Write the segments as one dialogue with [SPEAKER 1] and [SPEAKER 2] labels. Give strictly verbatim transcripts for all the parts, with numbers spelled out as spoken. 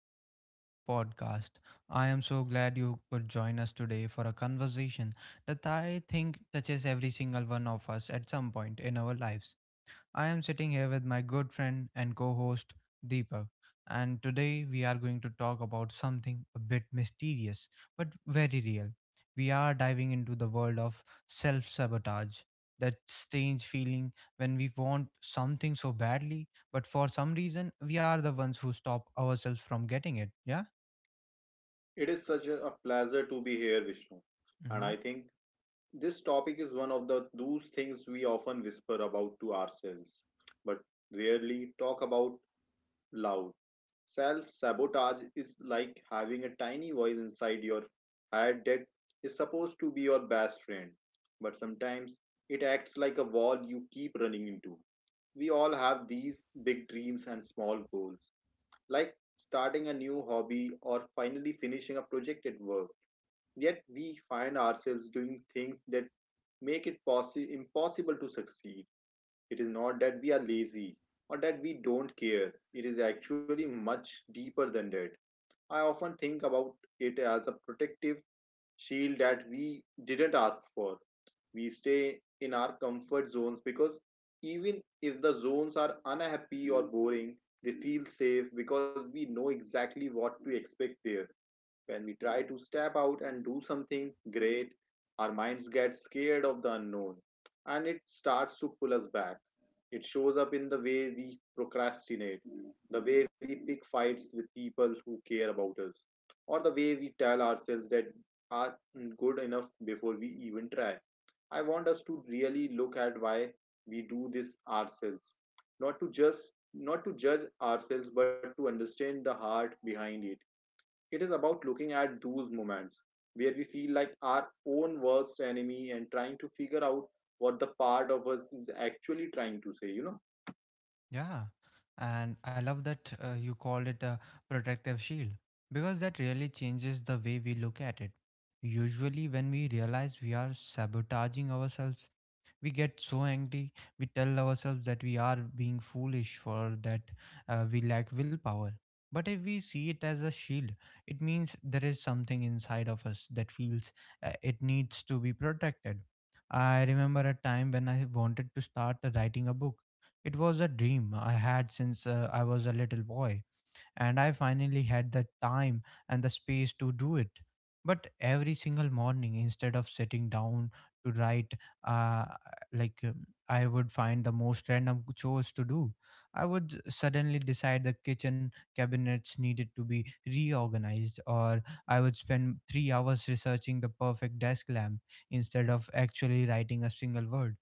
[SPEAKER 1] welcome back to our podcast. I am so glad you could join us today for a conversation that I think touches every single one of us at some point in our lives. I am sitting here with my good friend and co host Deepak, and today we are going to talk about something a bit mysterious but very real. We are diving into the world of self sabotage, that strange feeling when we want something so badly, but for some reason we are the ones who stop ourselves from getting it. Yeah?
[SPEAKER 2] It is such a a pleasure to be here, Vishnu. And
[SPEAKER 1] Mm-hmm.
[SPEAKER 2] I think this topic is one of the those things we often whisper about to ourselves, but rarely talk about loud. Self sabotage is like having a tiny voice inside your head that is supposed to be your best friend, but sometimes it acts like a wall you keep running into. We all have these big dreams and small goals, like starting a new hobby or finally finishing a project at work. Yet we find ourselves doing things that make it possi- impossible to succeed. It is not that we are lazy or that we don't care, it is actually much deeper than that. I often think about it as a protective shield that we didn't ask for. We stay in our comfort zones because even if the zones are unhappy or boring, they feel safe because we know exactly what to expect there. When we try to step out and do something great, our minds get scared of the unknown and it starts to pull us back. It shows up in the way we procrastinate, the way we pick fights with people who care about us, or the way we tell ourselves that are good enough before we even try. I want us to really look at why we do this ourselves, not to just not to judge ourselves, but to understand the heart behind it. It is about looking at those moments where we feel like our own worst enemy and trying to figure out what the part of us is actually trying to say, you know?
[SPEAKER 1] Yeah, and I love that uh, you called it a protective shield because that really changes the way we look at it. Usually, when we realize we are sabotaging ourselves, we get so angry we tell ourselves that we are being foolish for that uh, We lack willpower, but if we see it as a shield it means there is something inside of us that feels, uh, it needs to be protected. I remember a time when I wanted to start writing a book. It was a dream I had since, uh, I was a little boy, and I finally had the time and the space to do it. But every single morning instead of sitting down to write, uh, like um, I would find the most random chores to do. I would suddenly decide the kitchen cabinets needed to be reorganized, or I would spend three hours researching the perfect desk lamp instead of actually writing a single word.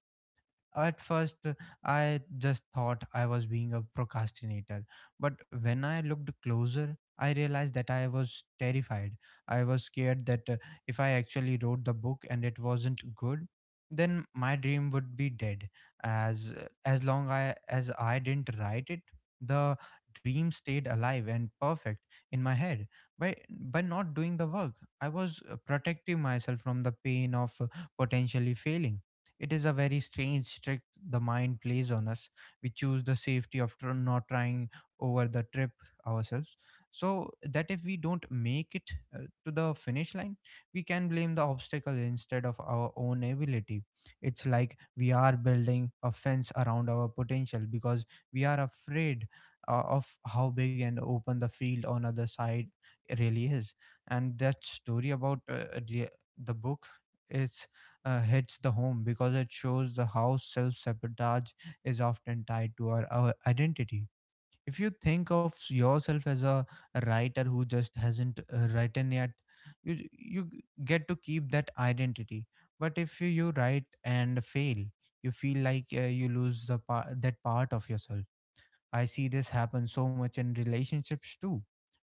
[SPEAKER 1] At first, uh, I just thought I was being a procrastinator, but when I looked closer, I realized that I was terrified. I was scared that, uh, if I actually wrote the book and it wasn't good, then my dream would be dead. As uh, as long I, as I didn't write it, the dream stayed alive and perfect in my head. By by not doing the work, I was, uh, protecting myself from the pain of, uh, potentially failing. It is a very strange trick the mind plays on us. We choose the safety of tr- not trying over the trip ourselves. So that if we don't make it, uh, to the finish line, we can blame the obstacle instead of our own ability. It's like we are building a fence around our potential because we are afraid, uh, of how big and open the field on other side really is. And that story about, uh, the the book is, uh, hits the home because it shows the how self sabotage is often tied to our, our identity. If you think of yourself as a writer who just hasn't, uh, written yet, you you get to keep that identity. But if you, you write and fail, you feel like, uh, you lose the pa- that part of yourself. I see this happen so much in relationships too,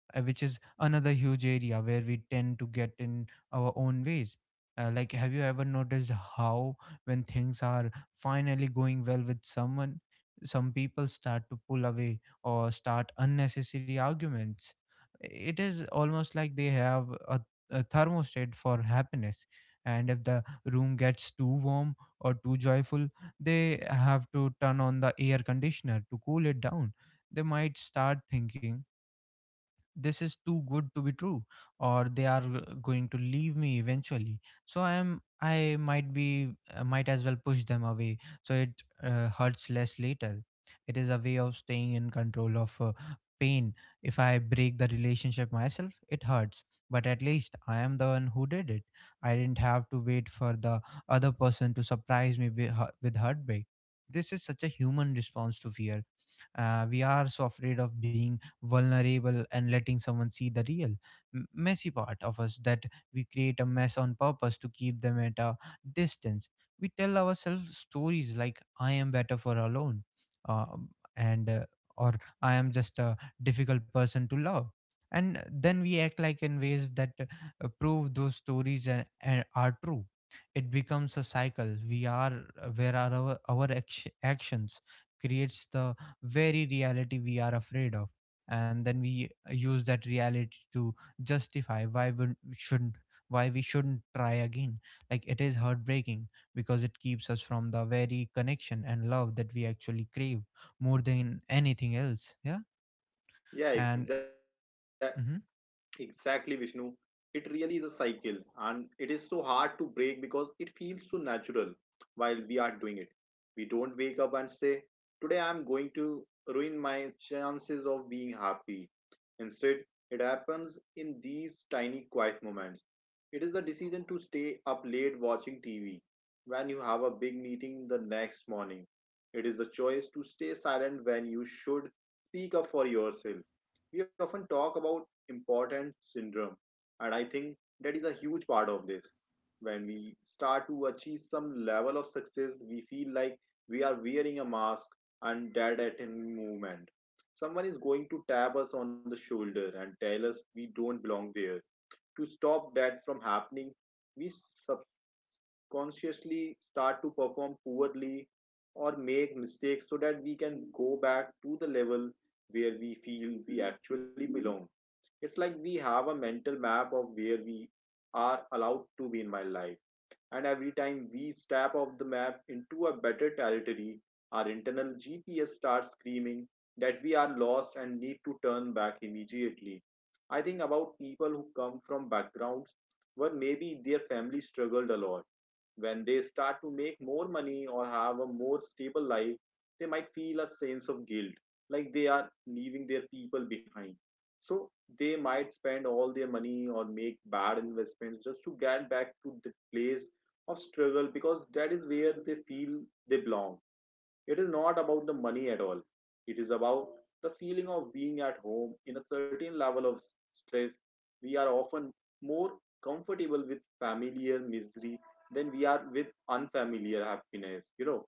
[SPEAKER 1] uh, which is another huge area where we tend to get in our own ways. Uh, like, have you ever noticed how, when things are finally going well with someone, some people start to pull away or start unnecessary arguments? It is almost like they have a, a thermostat for happiness. And if the room gets too warm or too joyful, they have to turn on the air conditioner to cool it down. They might start thinking this is too good to be true, or they are, uh, going to leave me eventually, so i am i might be, uh, might as well push them away so it, uh, hurts less later. It is a way of staying in control of, uh, pain. If I break the relationship myself it hurts, but at least I am the one who did it. I didn't have to wait for the other person to surprise me with, with heartbreak. This is such a human response to fear. Uh, we are so afraid of being vulnerable and letting someone see the real m- messy part of us that we create a mess on purpose to keep them at a distance. We tell ourselves stories like I am better for alone, uh, and uh, or I am just a difficult person to love, and then we act like in ways that, uh, prove those stories and, and are true. It becomes a cycle we are, uh, where are our, our act- actions creates the very reality we are afraid of, and then we, uh, use that reality to justify why we shouldn't why we shouldn't try again. Like it is heartbreaking because it keeps us from the very connection and love that we actually crave more than anything else. Yeah.
[SPEAKER 2] Yeah,
[SPEAKER 1] And
[SPEAKER 2] exactly.
[SPEAKER 1] mhm,
[SPEAKER 2] Exactly, Vishnu. It really is a cycle, and it is so hard to break because it feels so natural while we are doing it. We don't wake up and say, "Today I'm going to ruin my chances of being happy." Instead, it happens in these tiny quiet moments. It is the decision to stay up late watching T V when you have a big meeting the next morning. It is the choice to stay silent when you should speak up for yourself. We often talk about important syndrome. And I think that is a huge part of this. When we start to achieve some level of success, we feel like we are wearing a mask and dead at any moment. Someone is going to tap us on the shoulder and tell us we don't belong there. To stop that from happening, we subconsciously start to perform poorly or make mistakes so that we can go back to the level where we feel we actually belong. It's like we have a mental map of where we are allowed to be in my life. And every time we step off the map into a better territory, our internal G P S starts screaming that we are lost and need to turn back immediately. I think about people who come from backgrounds where maybe their family struggled a lot. When they start to make more money or have a more stable life, they might feel a sense of guilt, like they are leaving their people behind. So they might spend all their money or make bad investments just to get back to the place of struggle because that is where they feel they belong. It is not about the money at all. It is about the feeling of being at home in a certain level of stress. We are often more comfortable with familiar misery than we are with unfamiliar happiness, you know.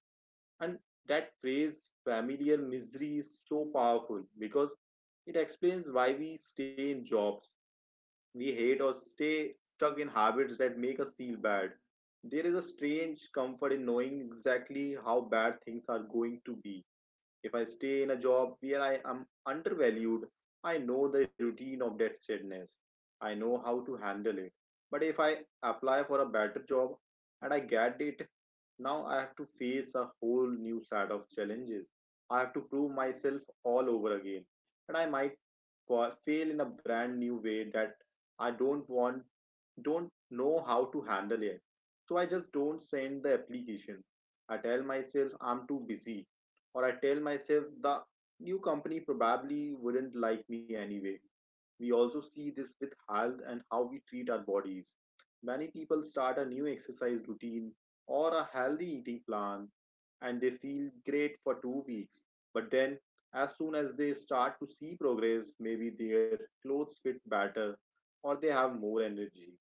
[SPEAKER 2] And that phrase, familiar misery, is so powerful because it explains why we stay in jobs we hate or stay stuck in habits that make us feel bad. There is a strange comfort in knowing exactly how bad things are going to be. If I stay in a job where I am undervalued, I know the routine of that sadness. I know how to handle it. But if I apply for a better job and I get it, now I have to face a whole new set of challenges. I have to prove myself all over again. And I might for fail in a brand new way that I don't want, don't know how to handle it. So I just don't send the application. I tell myself I'm too busy, or I tell myself the new company probably wouldn't like me anyway. We also see this with health and how we treat our bodies. Many people start a new exercise routine or a healthy eating plan and they feel great for two weeks. But then, as soon as they start to see progress, maybe their clothes fit better or they have more energy,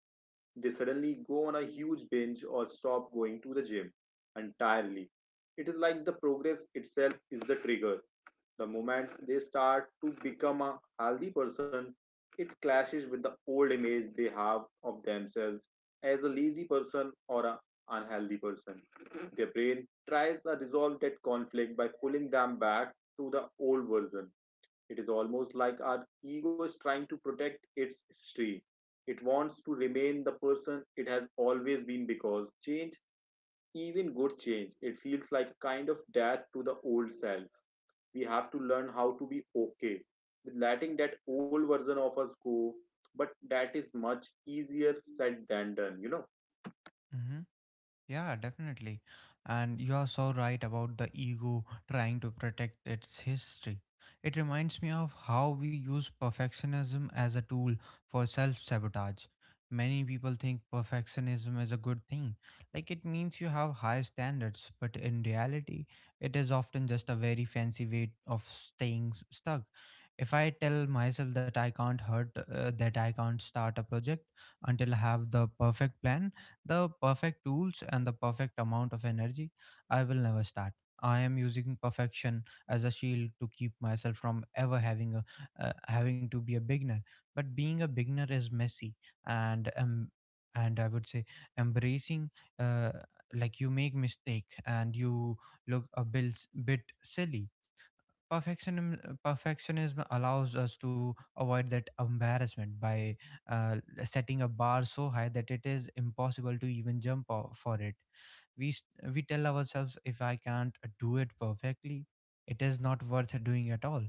[SPEAKER 2] they suddenly go on a huge binge or stop going to the gym entirely. It is like the progress itself is the trigger. The moment they start to become a healthy person, it clashes with the old image they have of themselves as a lazy person or an unhealthy person. Their brain tries to resolve that conflict by pulling them back to the old version. It is almost like our ego is trying to protect its history. It wants to remain the person it has always been because change, even good change, it feels like a kind of death to the old self. We have to learn how to be okay with letting that old version of us go. But that is much easier said than done, you know.
[SPEAKER 1] mhm. Yeah, definitely. And you are so right about the ego trying to protect its history. It reminds me of how we use perfectionism as a tool for self sabotage. Many people think perfectionism is a good thing, like it means you have high standards, but in reality, it is often just a very fancy way of staying s- stuck. If I tell myself that I can't hurt, uh, that I can't start a project until I have the perfect plan, the perfect tools and the perfect amount of energy, I will never start. I am using perfection as a shield to keep myself from ever having a uh, having to be a beginner. But being a beginner is messy, and um, and I would say embracing, uh, like you make mistake and you look a bit bit silly. Perfectionism perfectionism allows us to avoid that embarrassment by, uh, setting a bar so high that it is impossible to even jump o- for it. We s- we tell ourselves if I can't do it perfectly it is not worth doing at all,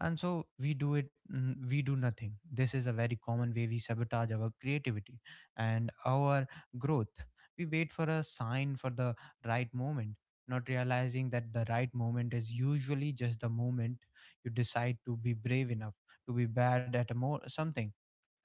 [SPEAKER 1] and so we do it, mm, we do nothing. This is a very common way we sabotage our creativity and our growth. We wait for a sign for the right moment, not realizing that the right moment is usually just the moment you decide to be brave enough to be bad at a more something.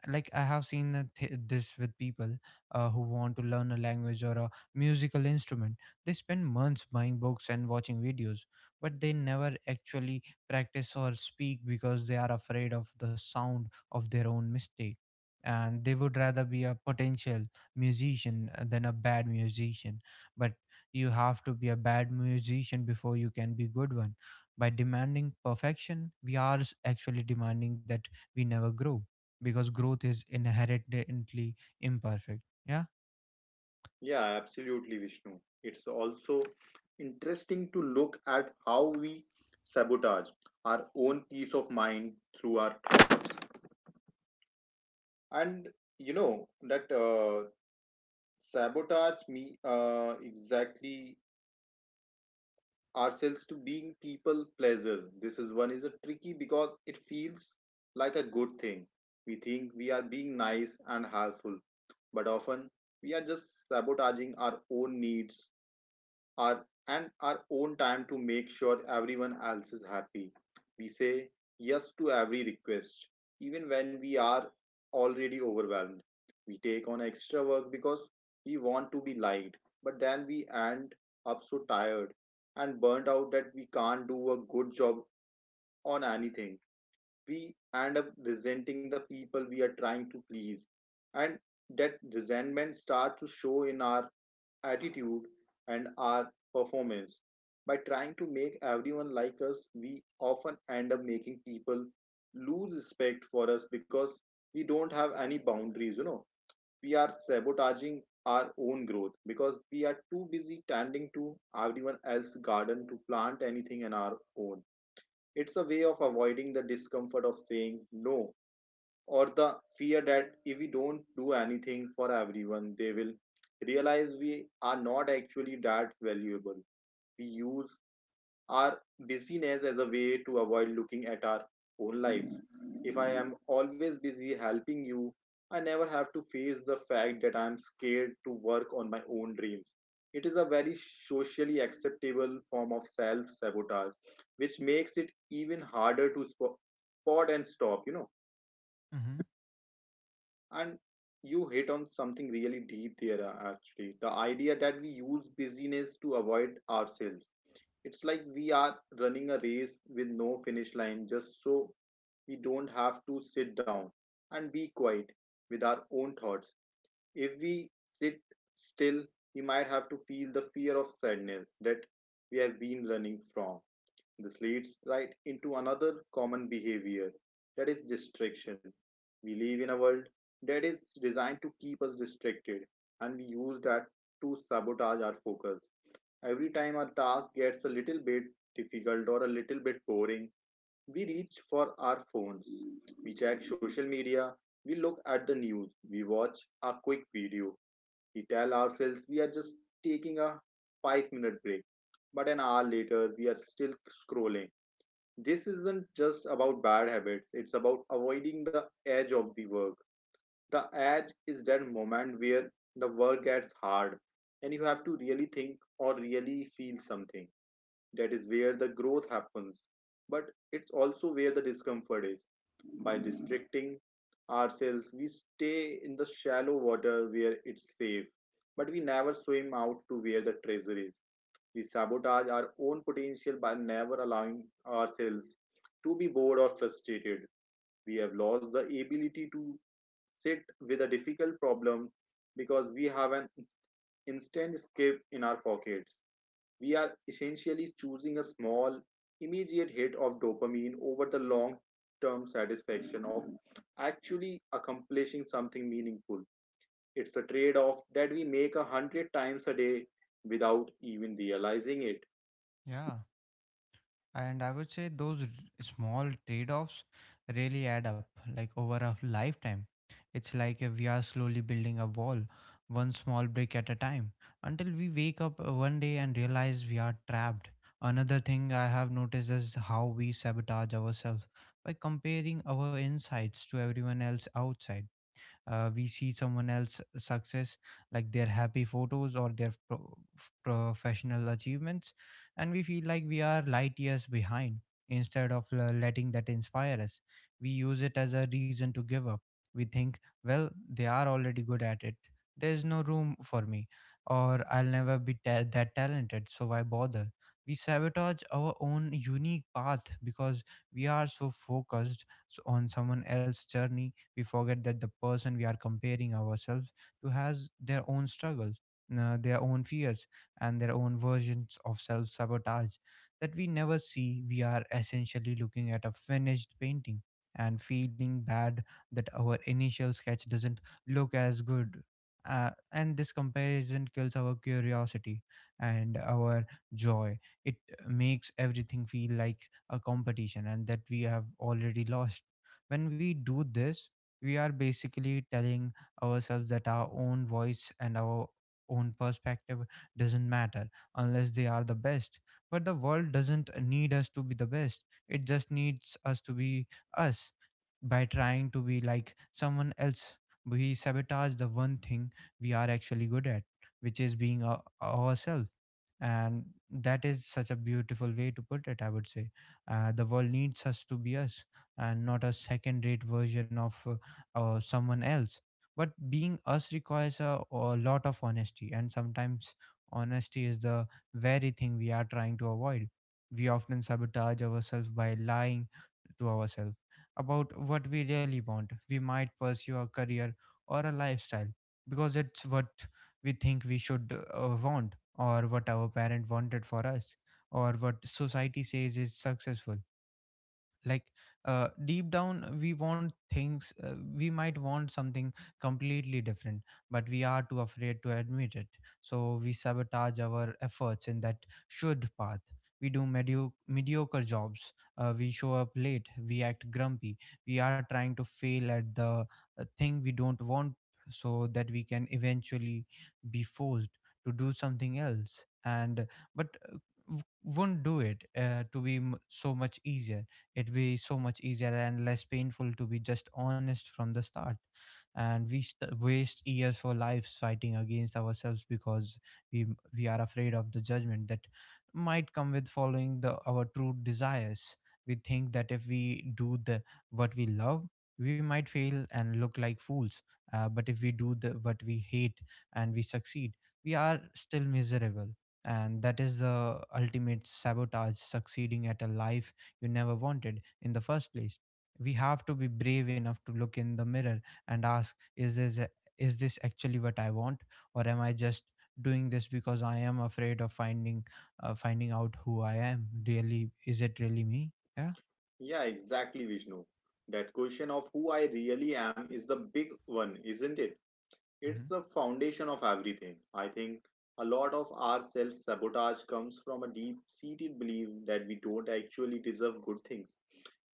[SPEAKER 1] Like I have seen, uh, th- this with people, uh, who want to learn a language or a musical instrument. They spend months buying books and watching videos, but they never actually practice or speak because they are afraid of the sound of their own mistake, and they would rather be a potential musician, uh, than a bad musician. But you have to be a bad musician before you can be good one. By demanding perfection we are s- actually demanding that we never grow, because growth is inherently imperfect. Yeah.
[SPEAKER 2] Yeah, absolutely, Vishnu. It's also interesting to look at how we sabotage our own peace of mind through our thoughts. And you know that uh, sabotage me uh, exactly ourselves to being people pleaser. This is one is a tricky because it feels like a good thing. We think we are being nice and helpful, but often we are just sabotaging our own needs our and our own time to make sure everyone else is happy. We say yes to every request, even when we are already overwhelmed. We take on extra work because we want to be liked, but then we end up so tired and burnt out that we can't do a good job on anything. We end up resenting the people we are trying to please, and that resentment starts to show in our attitude and our performance. By trying to make everyone like us, we often end up making people lose respect for us because we don't have any boundaries, you know. We are sabotaging our own growth because we are too busy tending to everyone else's garden to plant anything in our own. It's a way of avoiding the discomfort of saying no or the fear that if we don't do anything for everyone, they will realize we are not actually that valuable. We use our busyness as a way to avoid looking at our own lives. If I am always busy helping you, I never have to face the fact that I am scared to work on my own dreams. It is a very socially acceptable form of self sabotage, which makes it even harder to spo- spot and stop, you know.
[SPEAKER 1] Mm-hmm.
[SPEAKER 2] And you hit on something really deep there, uh, actually the idea that we use busyness to avoid ourselves. It's like we are running a race with no finish line just so we don't have to sit down and be quiet with our own thoughts. If we sit still we might have to feel the fear of sadness that we have been running from. This leads right into another common behavior that is distraction. We live in a world that is designed to keep us distracted, and we use that to sabotage our focus. Every time our task gets a little bit difficult or a little bit boring, we reach for our phones. We check social media, we look at the news, we watch a quick video. We tell ourselves we are just taking a five minute break, but an hour later we are still scrolling. This isn't just about bad habits, it's about avoiding the edge of the work. The edge is that moment where the work gets hard and you have to really think or really feel something. That is where the growth happens. But it's also where the discomfort is. By restricting ourselves, we stay in the shallow water where it's safe, but we never swim out to where the treasure is. We sabotage our own potential by never allowing ourselves to be bored or frustrated. We have lost the ability to sit with a difficult problem because we have an instant escape in our pockets. We are essentially choosing a small, immediate hit of dopamine over the long term satisfaction of actually accomplishing something meaningful. It's a trade off that we make a hundred times a day without even realizing it.
[SPEAKER 1] Yeah. And I would say those r- small trade offs really add up, like over a lifetime. It's like, uh, we are slowly building a wall, one small brick at a time, until we wake up, uh, one day and realize we are trapped. Another thing I have noticed is how we sabotage ourselves by comparing our insights to everyone else outside. Uh, we see someone else success, like their happy photos or their pro- professional achievements, and we feel like we are light years behind. Instead of l- letting that inspire us, we use it as a reason to give up. We think, well, they are already good at it, there's no room for me, or I'll never be ta- that talented so why bother. We sabotage our own unique path because we are so focused, s- on someone else's journey. We forget that the person we are comparing ourselves to has their own struggles, uh, their own fears, and their own versions of self sabotage that we never see. We are essentially looking at a finished painting and feeling bad that our initial sketch doesn't look as good. Uh, and this comparison kills our curiosity and our joy. It makes everything feel like a competition and that we have already lost. When we do this we are basically telling ourselves that our own voice and our own perspective doesn't matter unless they are the best. But the world doesn't need us to be the best, it just needs us to be us. By trying to be like someone else we sabotage the one thing we are actually good at, which is being our, ourselves. And that is such a beautiful way to put it, I would say, uh, the world needs us to be us and not a second rate version of, uh, or someone else. But being us requires a, a lot of honesty, and sometimes honesty is the very thing we are trying to avoid. We often sabotage ourselves by lying to ourselves about what we really want. We might pursue a career or a lifestyle because it's what we think we should uh, want, or what our parent wanted for us, or what society says is successful like uh, deep down we want things uh, we might want something completely different, but we are too afraid to admit it, so we sabotage our efforts in that should path. We do medio- mediocre jobs, uh, we show up late, we act grumpy. We are trying to fail at the uh, thing we don't want so that we can eventually be forced to do something else. and but uh, w- won't do it, uh, to be m- so much easier. It'd be so much easier and less painful to be just honest from the start. And we st- waste years for lives fighting against ourselves because we we are afraid of the judgment that might come with following the our true desires. We think that if we do the what we love, we might fail and look like fools. Uh, but if we do the what we hate and we succeed, we are still miserable. And that is the ultimate sabotage, succeeding at a life you never wanted in the first place. We have to be brave enough to look in the mirror and ask, is this a- is this actually what I want, or am I just doing this because I am afraid of finding uh, finding out who I am? Really, is it really me? Yeah.
[SPEAKER 2] Yeah, exactly, Vishnu. That question of who I really am is the big one, isn't it? It's
[SPEAKER 1] Hmm.
[SPEAKER 2] the foundation of everything. I think a lot of our self sabotage comes from a deep seated belief that we don't actually deserve good things.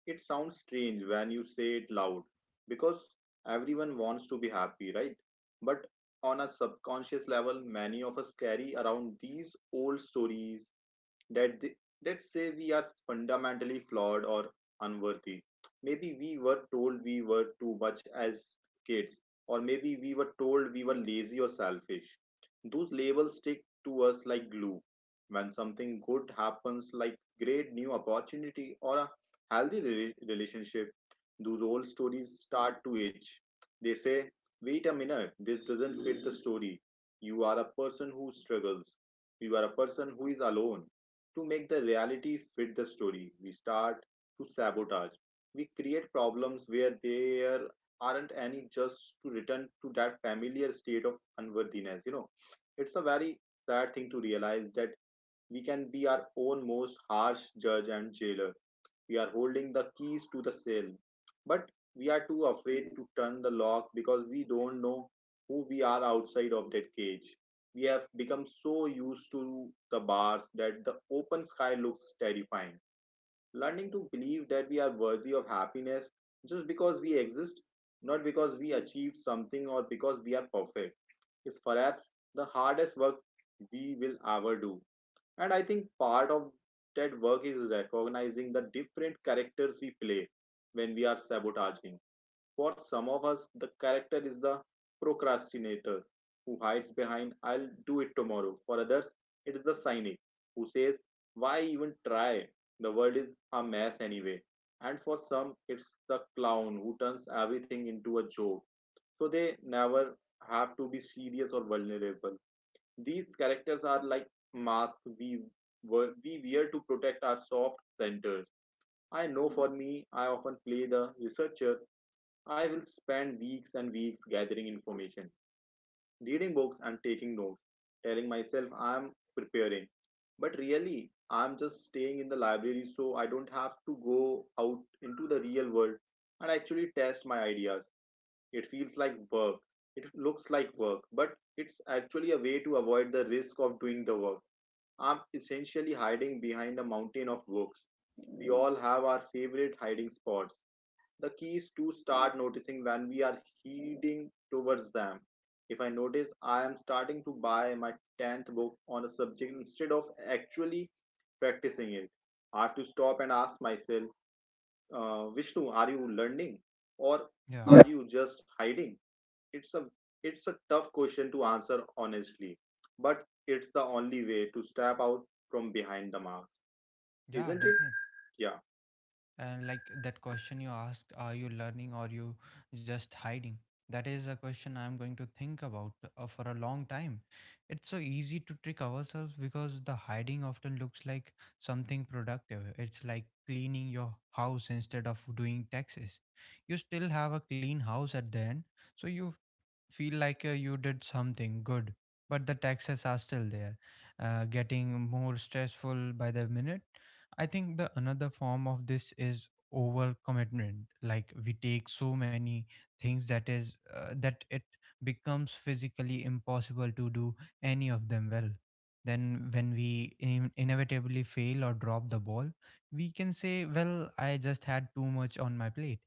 [SPEAKER 2] It sounds strange when you say it loud because everyone wants to be happy, right? But on a subconscious level, many of us carry around these old stories that th- that say we are fundamentally flawed or unworthy. Maybe we were told we were too much as kids, or maybe we were told we were lazy or selfish. Those labels stick to us like glue. When something good happens, like great new opportunity or a healthy rela- relationship, those old stories start to itch. They say, "Wait a minute, this doesn't fit the story. You are a person who struggles. You are a person who is alone to make the reality fit the story, we start to sabotage." We create problems where there aren't any just to return to that familiar state of unworthiness. You know, it's a very sad thing to realize that we can be our own most harsh judge and jailer. We are holding the keys to the cell, but we are too afraid to turn the lock because we don't know who we are outside of that cage. We have become so used to the bars that the open sky looks terrifying. Learning to believe that we are worthy of happiness just because we exist, not because we achieved something or because we are perfect, is perhaps the hardest work we will ever do. And I think part of that work is recognizing the different characters we play when we are sabotaging. For some of us, the character is the procrastinator who hides behind, I'll do it tomorrow. For others, it is the cynic who says, why even try? The world is a mess anyway. And for some, it's the clown who turns everything into a joke. So they never have to be serious or vulnerable. These characters are like masks we wear, we wear to protect our soft centers. I know for me, I often play the researcher. I will spend weeks and weeks gathering information, reading books, and taking notes, telling myself I am preparing. But really, I'm just staying in the library so I don't have to go out into the real world and actually test my ideas. It feels like work. It looks like work, but it's actually a way to avoid the risk of doing the work. I'm essentially hiding behind a mountain of books. We all have our favorite hiding spots. The key is to start noticing when we are heading towards them. If I notice I am starting to buy my tenth book on a subject instead of actually practicing it, I have to stop and ask myself, uh, Vishnu, are you learning or
[SPEAKER 1] Yeah,
[SPEAKER 2] Yeah. are you just hiding? It's a it's a tough question to answer honestly, but it's the only way to step out from behind the mask,
[SPEAKER 1] yeah,
[SPEAKER 2] isn't it?
[SPEAKER 1] definitely.
[SPEAKER 2] Yeah,
[SPEAKER 1] And like that question you asked, are you learning or you just hiding? That is a question I'm going to think about uh, for a long time. It's so easy to trick ourselves because the hiding often looks like something productive. It's like cleaning your house instead of doing taxes. You still have a clean house at the end, so you feel like uh, you did something good, but the taxes are still there, uh, getting more stressful by the minute. I think the another form of this is overcommitment. Like we take so many things that is uh, that it becomes physically impossible to do any of them well. Then when we in- inevitably fail or drop the ball, we can say, "Well, I just had too much on my plate.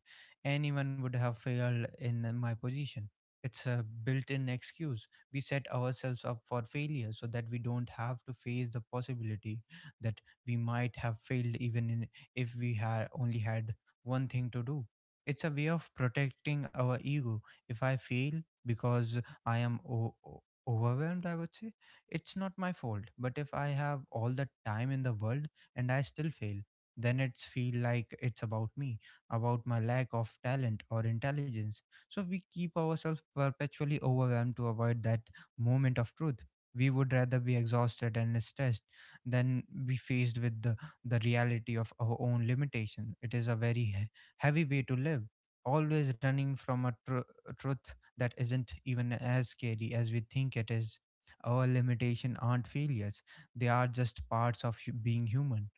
[SPEAKER 1] Anyone would have failed in my position." It's a built in excuse. We set ourselves up for failure so that we don't have to face the possibility that we might have failed, even in, if we had only had one thing to do. It's a way of protecting our ego. If I fail because I am o- o- overwhelmed, I would say it's not my fault. But if I have all the time in the world and I still fail, then it's feel like it's about me, about my lack of talent or intelligence. So we keep ourselves perpetually overwhelmed to avoid that moment of truth. We would rather be exhausted and stressed than be faced with the, the reality of our own limitation. It is a very he- heavy way to live, always running from a, tr- a truth that isn't even as scary as we think it is. Our limitation aren't failures, they are just parts of hu- being human.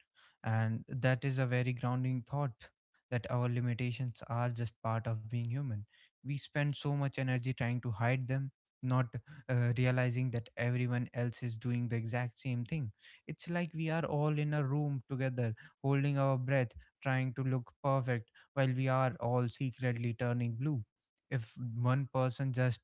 [SPEAKER 1] And that is a very grounding thought, that our limitations are just part of being human. We spend so much energy trying to hide them, not uh, realizing that everyone else is doing the exact same thing. It's like we are all in a room together, holding our breath, trying to look perfect while we are all secretly turning blue. If one person just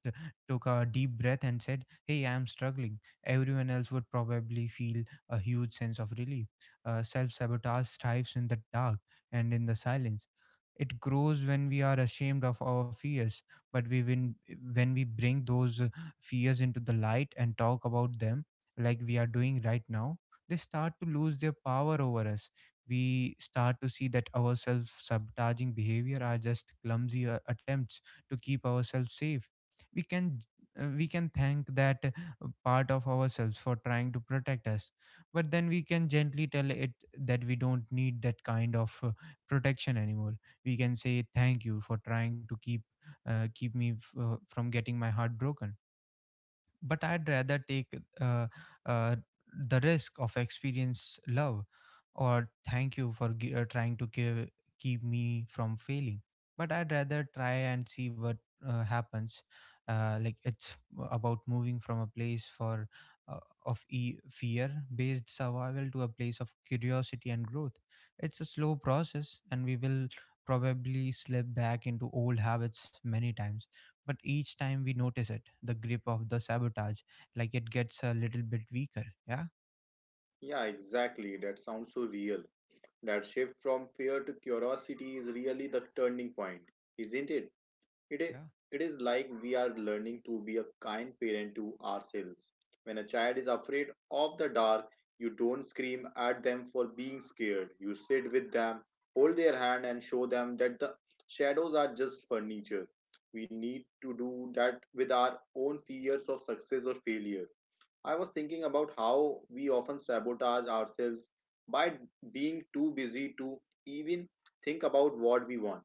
[SPEAKER 1] took a deep breath and said, hey, I'm struggling, everyone else would probably feel a huge sense of relief. Uh, self-sabotage thrives in the dark and in the silence. It grows when we are ashamed of our fears, but we win when we bring those uh, fears into the light and talk about them like we are doing right now. They start to lose their power over us. We start to see that our self sabotaging behavior are just clumsy uh, attempts to keep ourselves safe. We can uh, we can thank that uh, part of ourselves for trying to protect us, but then we can gently tell it that we don't need that kind of uh, protection anymore. We can say, thank you for trying to keep uh, keep me f- uh, from getting my heart broken, but I'd rather take uh, uh, the risk of experience love. Or, thank you for gi- uh, trying to give, keep me from failing. But I'd rather try and see what uh, happens. Uh, like, it's about moving from a place for uh, of e- fear-based survival to a place of curiosity and growth. It's a slow process, and we will probably slip back into old habits many times, but each time we notice it, the grip of the sabotage, like it gets a little bit weaker. Yeah,
[SPEAKER 2] yeah, exactly. That sounds so real. That shift from fear to curiosity is really the turning point, isn't it? It is,
[SPEAKER 1] yeah,
[SPEAKER 2] it is like we are learning to be a kind parent to ourselves. When a child is afraid of the dark, you don't scream at them for being scared. You sit with them, hold their hand, and show them that the shadows are just furniture. We need to do that with our own fears of success or failure. I was thinking about how we often sabotage ourselves by being too busy to even think about what we want.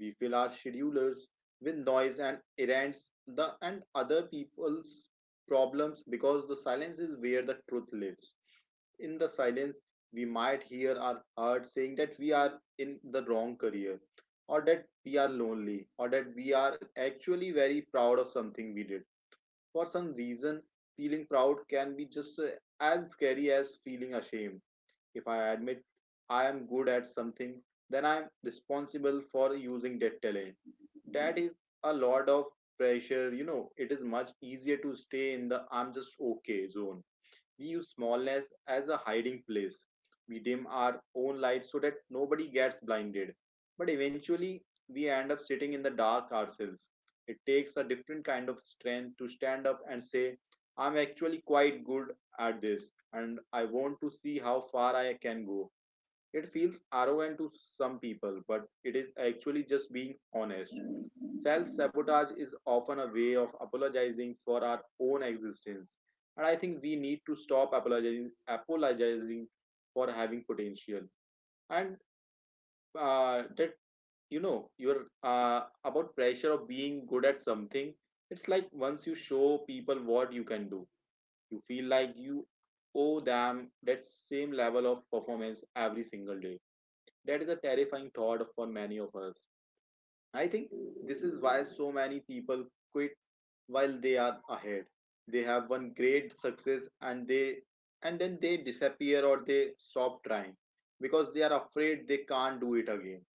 [SPEAKER 2] We fill our schedulers with noise and errands the and other people's problems because the silence is where the truth lives. In the silence, we might hear our heart saying that we are in the wrong career, or that we are lonely, or that we are actually very proud of something we did. For some reason, feeling proud can be just uh, as scary as feeling ashamed. If I admit I am good at something, then I am responsible for using that talent. That is a lot of pressure, you know. It is much easier to stay in the I'm just okay zone. We use smallness as a hiding place. We dim our own light so that nobody gets blinded. But eventually, we end up sitting in the dark ourselves. It takes a different kind of strength to stand up and say, I'm actually quite good at this, and I want to see how far I can go. It feels arrogant to some people, but it is actually just being honest. Self sabotage is often a way of apologizing for our own existence. And I think we need to stop apologizing, apologizing for having potential. And uh, that, you know, you're uh, about pressure of being good at something. It's like once you show people what you can do, you feel like you owe them that same level of performance every single day. That is a terrifying thought for many of us. I think this is why so many people quit while they are ahead. They have one great success and they and then they disappear or they stop trying because they are afraid they can't do it again.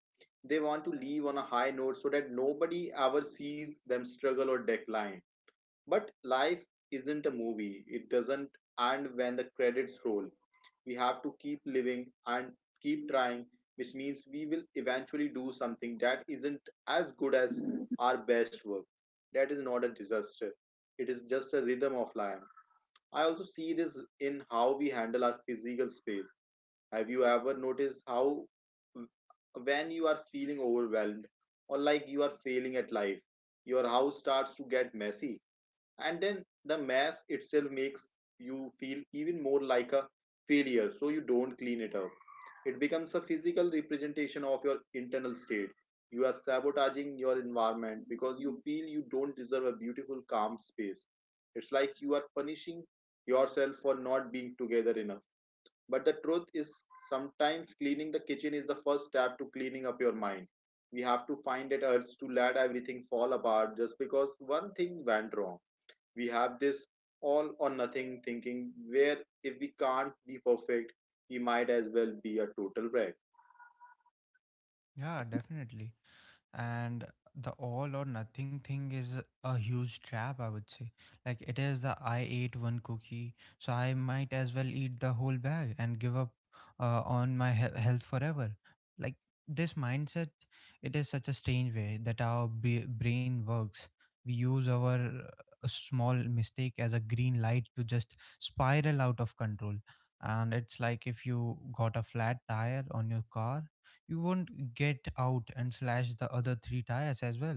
[SPEAKER 2] They want to leave on a high note so that nobody ever sees them struggle or decline. But life isn't a movie. It doesn't end when the credits roll. We have to keep living and keep trying, which means we will eventually do something that isn't as good as our best work. That is not a disaster, it is just a rhythm of life. I also see this in how we handle our physical space. Have you ever noticed how, when you are feeling overwhelmed or like you are failing at life, your house starts to get messy? And then the mess itself makes you feel even more like a failure, so you don't clean it up. It becomes a physical representation of your internal state. You are sabotaging your environment because you feel you don't deserve a beautiful calm space. It's like you are punishing yourself for not being together enough. But the truth is sometimes cleaning the kitchen is the first step to cleaning up your mind. We have to find that urge to let everything fall apart just because one thing went wrong. We have this all or nothing thinking where if we can't be perfect, we might as well be a total wreck.
[SPEAKER 1] yeah, definitely. And the all or nothing thing is a huge trap, I would say. Like, it is the I ate one cookie, so I might as well eat the whole bag and give up uh, on my he- health forever. Like, this mindset, it is such a strange way that our b- brain works. We use our uh, small mistake as a green light to just spiral out of control. And it's like if you got a flat tire on your car, you won't get out and slash the other three tires as well.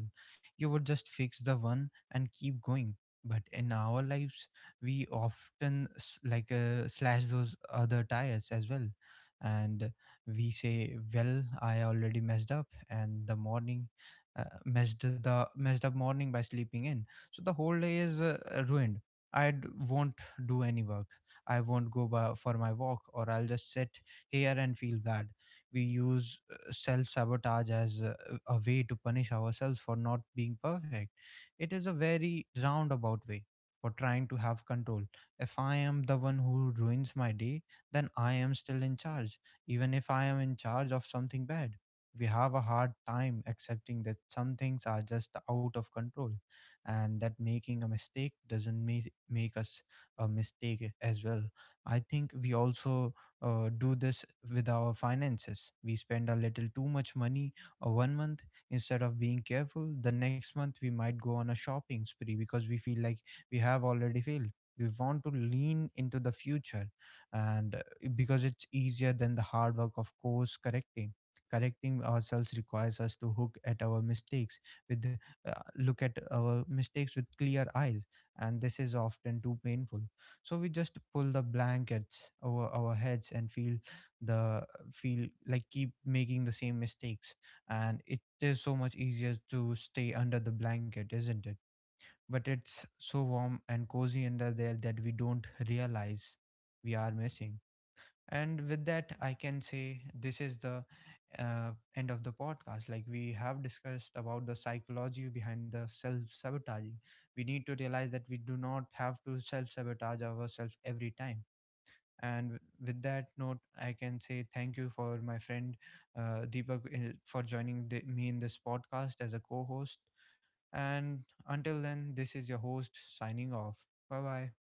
[SPEAKER 1] You would just fix the one and keep going. But in our lives, we often s- like uh, slash those other tires as well. And we say, well, I already messed up, and the morning uh, messed the messed up morning by sleeping in. So the whole day is uh, ruined. I d- won't do any work. I won't go by, for my walk, or I'll just sit here and feel bad. We use self sabotage as a, a way to punish ourselves for not being perfect. It is a very roundabout way for trying to have control. If I am the one who ruins my day, then I am still in charge, even if I am in charge of something bad. We have a hard time accepting that some things are just out of control, and that making a mistake doesn't make, make us a mistake as well. I think we also uh, do this with our finances. We spend a little too much money uh, one month instead of being careful. The next month, we might go on a shopping spree because we feel like we have already failed. We want to lean into the future, and uh, because it's easier than the hard work of course correcting. Correcting ourselves requires us to hook at our mistakes with uh, look at our mistakes with clear eyes, and this is often too painful, so we just pull the blankets over our heads and feel the feel like keep making the same mistakes. And it is so much easier to stay under the blanket, isn't it? But it's so warm and cozy under there that we don't realize we are missing. And with that, I can say this is the uh, end of the podcast. Like, we have discussed about the psychology behind the self sabotaging. We need to realize that we do not have to self sabotage ourselves every time. and w- with that note, I can say thank you for my friend uh, Deepak uh, for joining the, me in this podcast as a co-host. And until then, this is your host, signing off. Bye bye.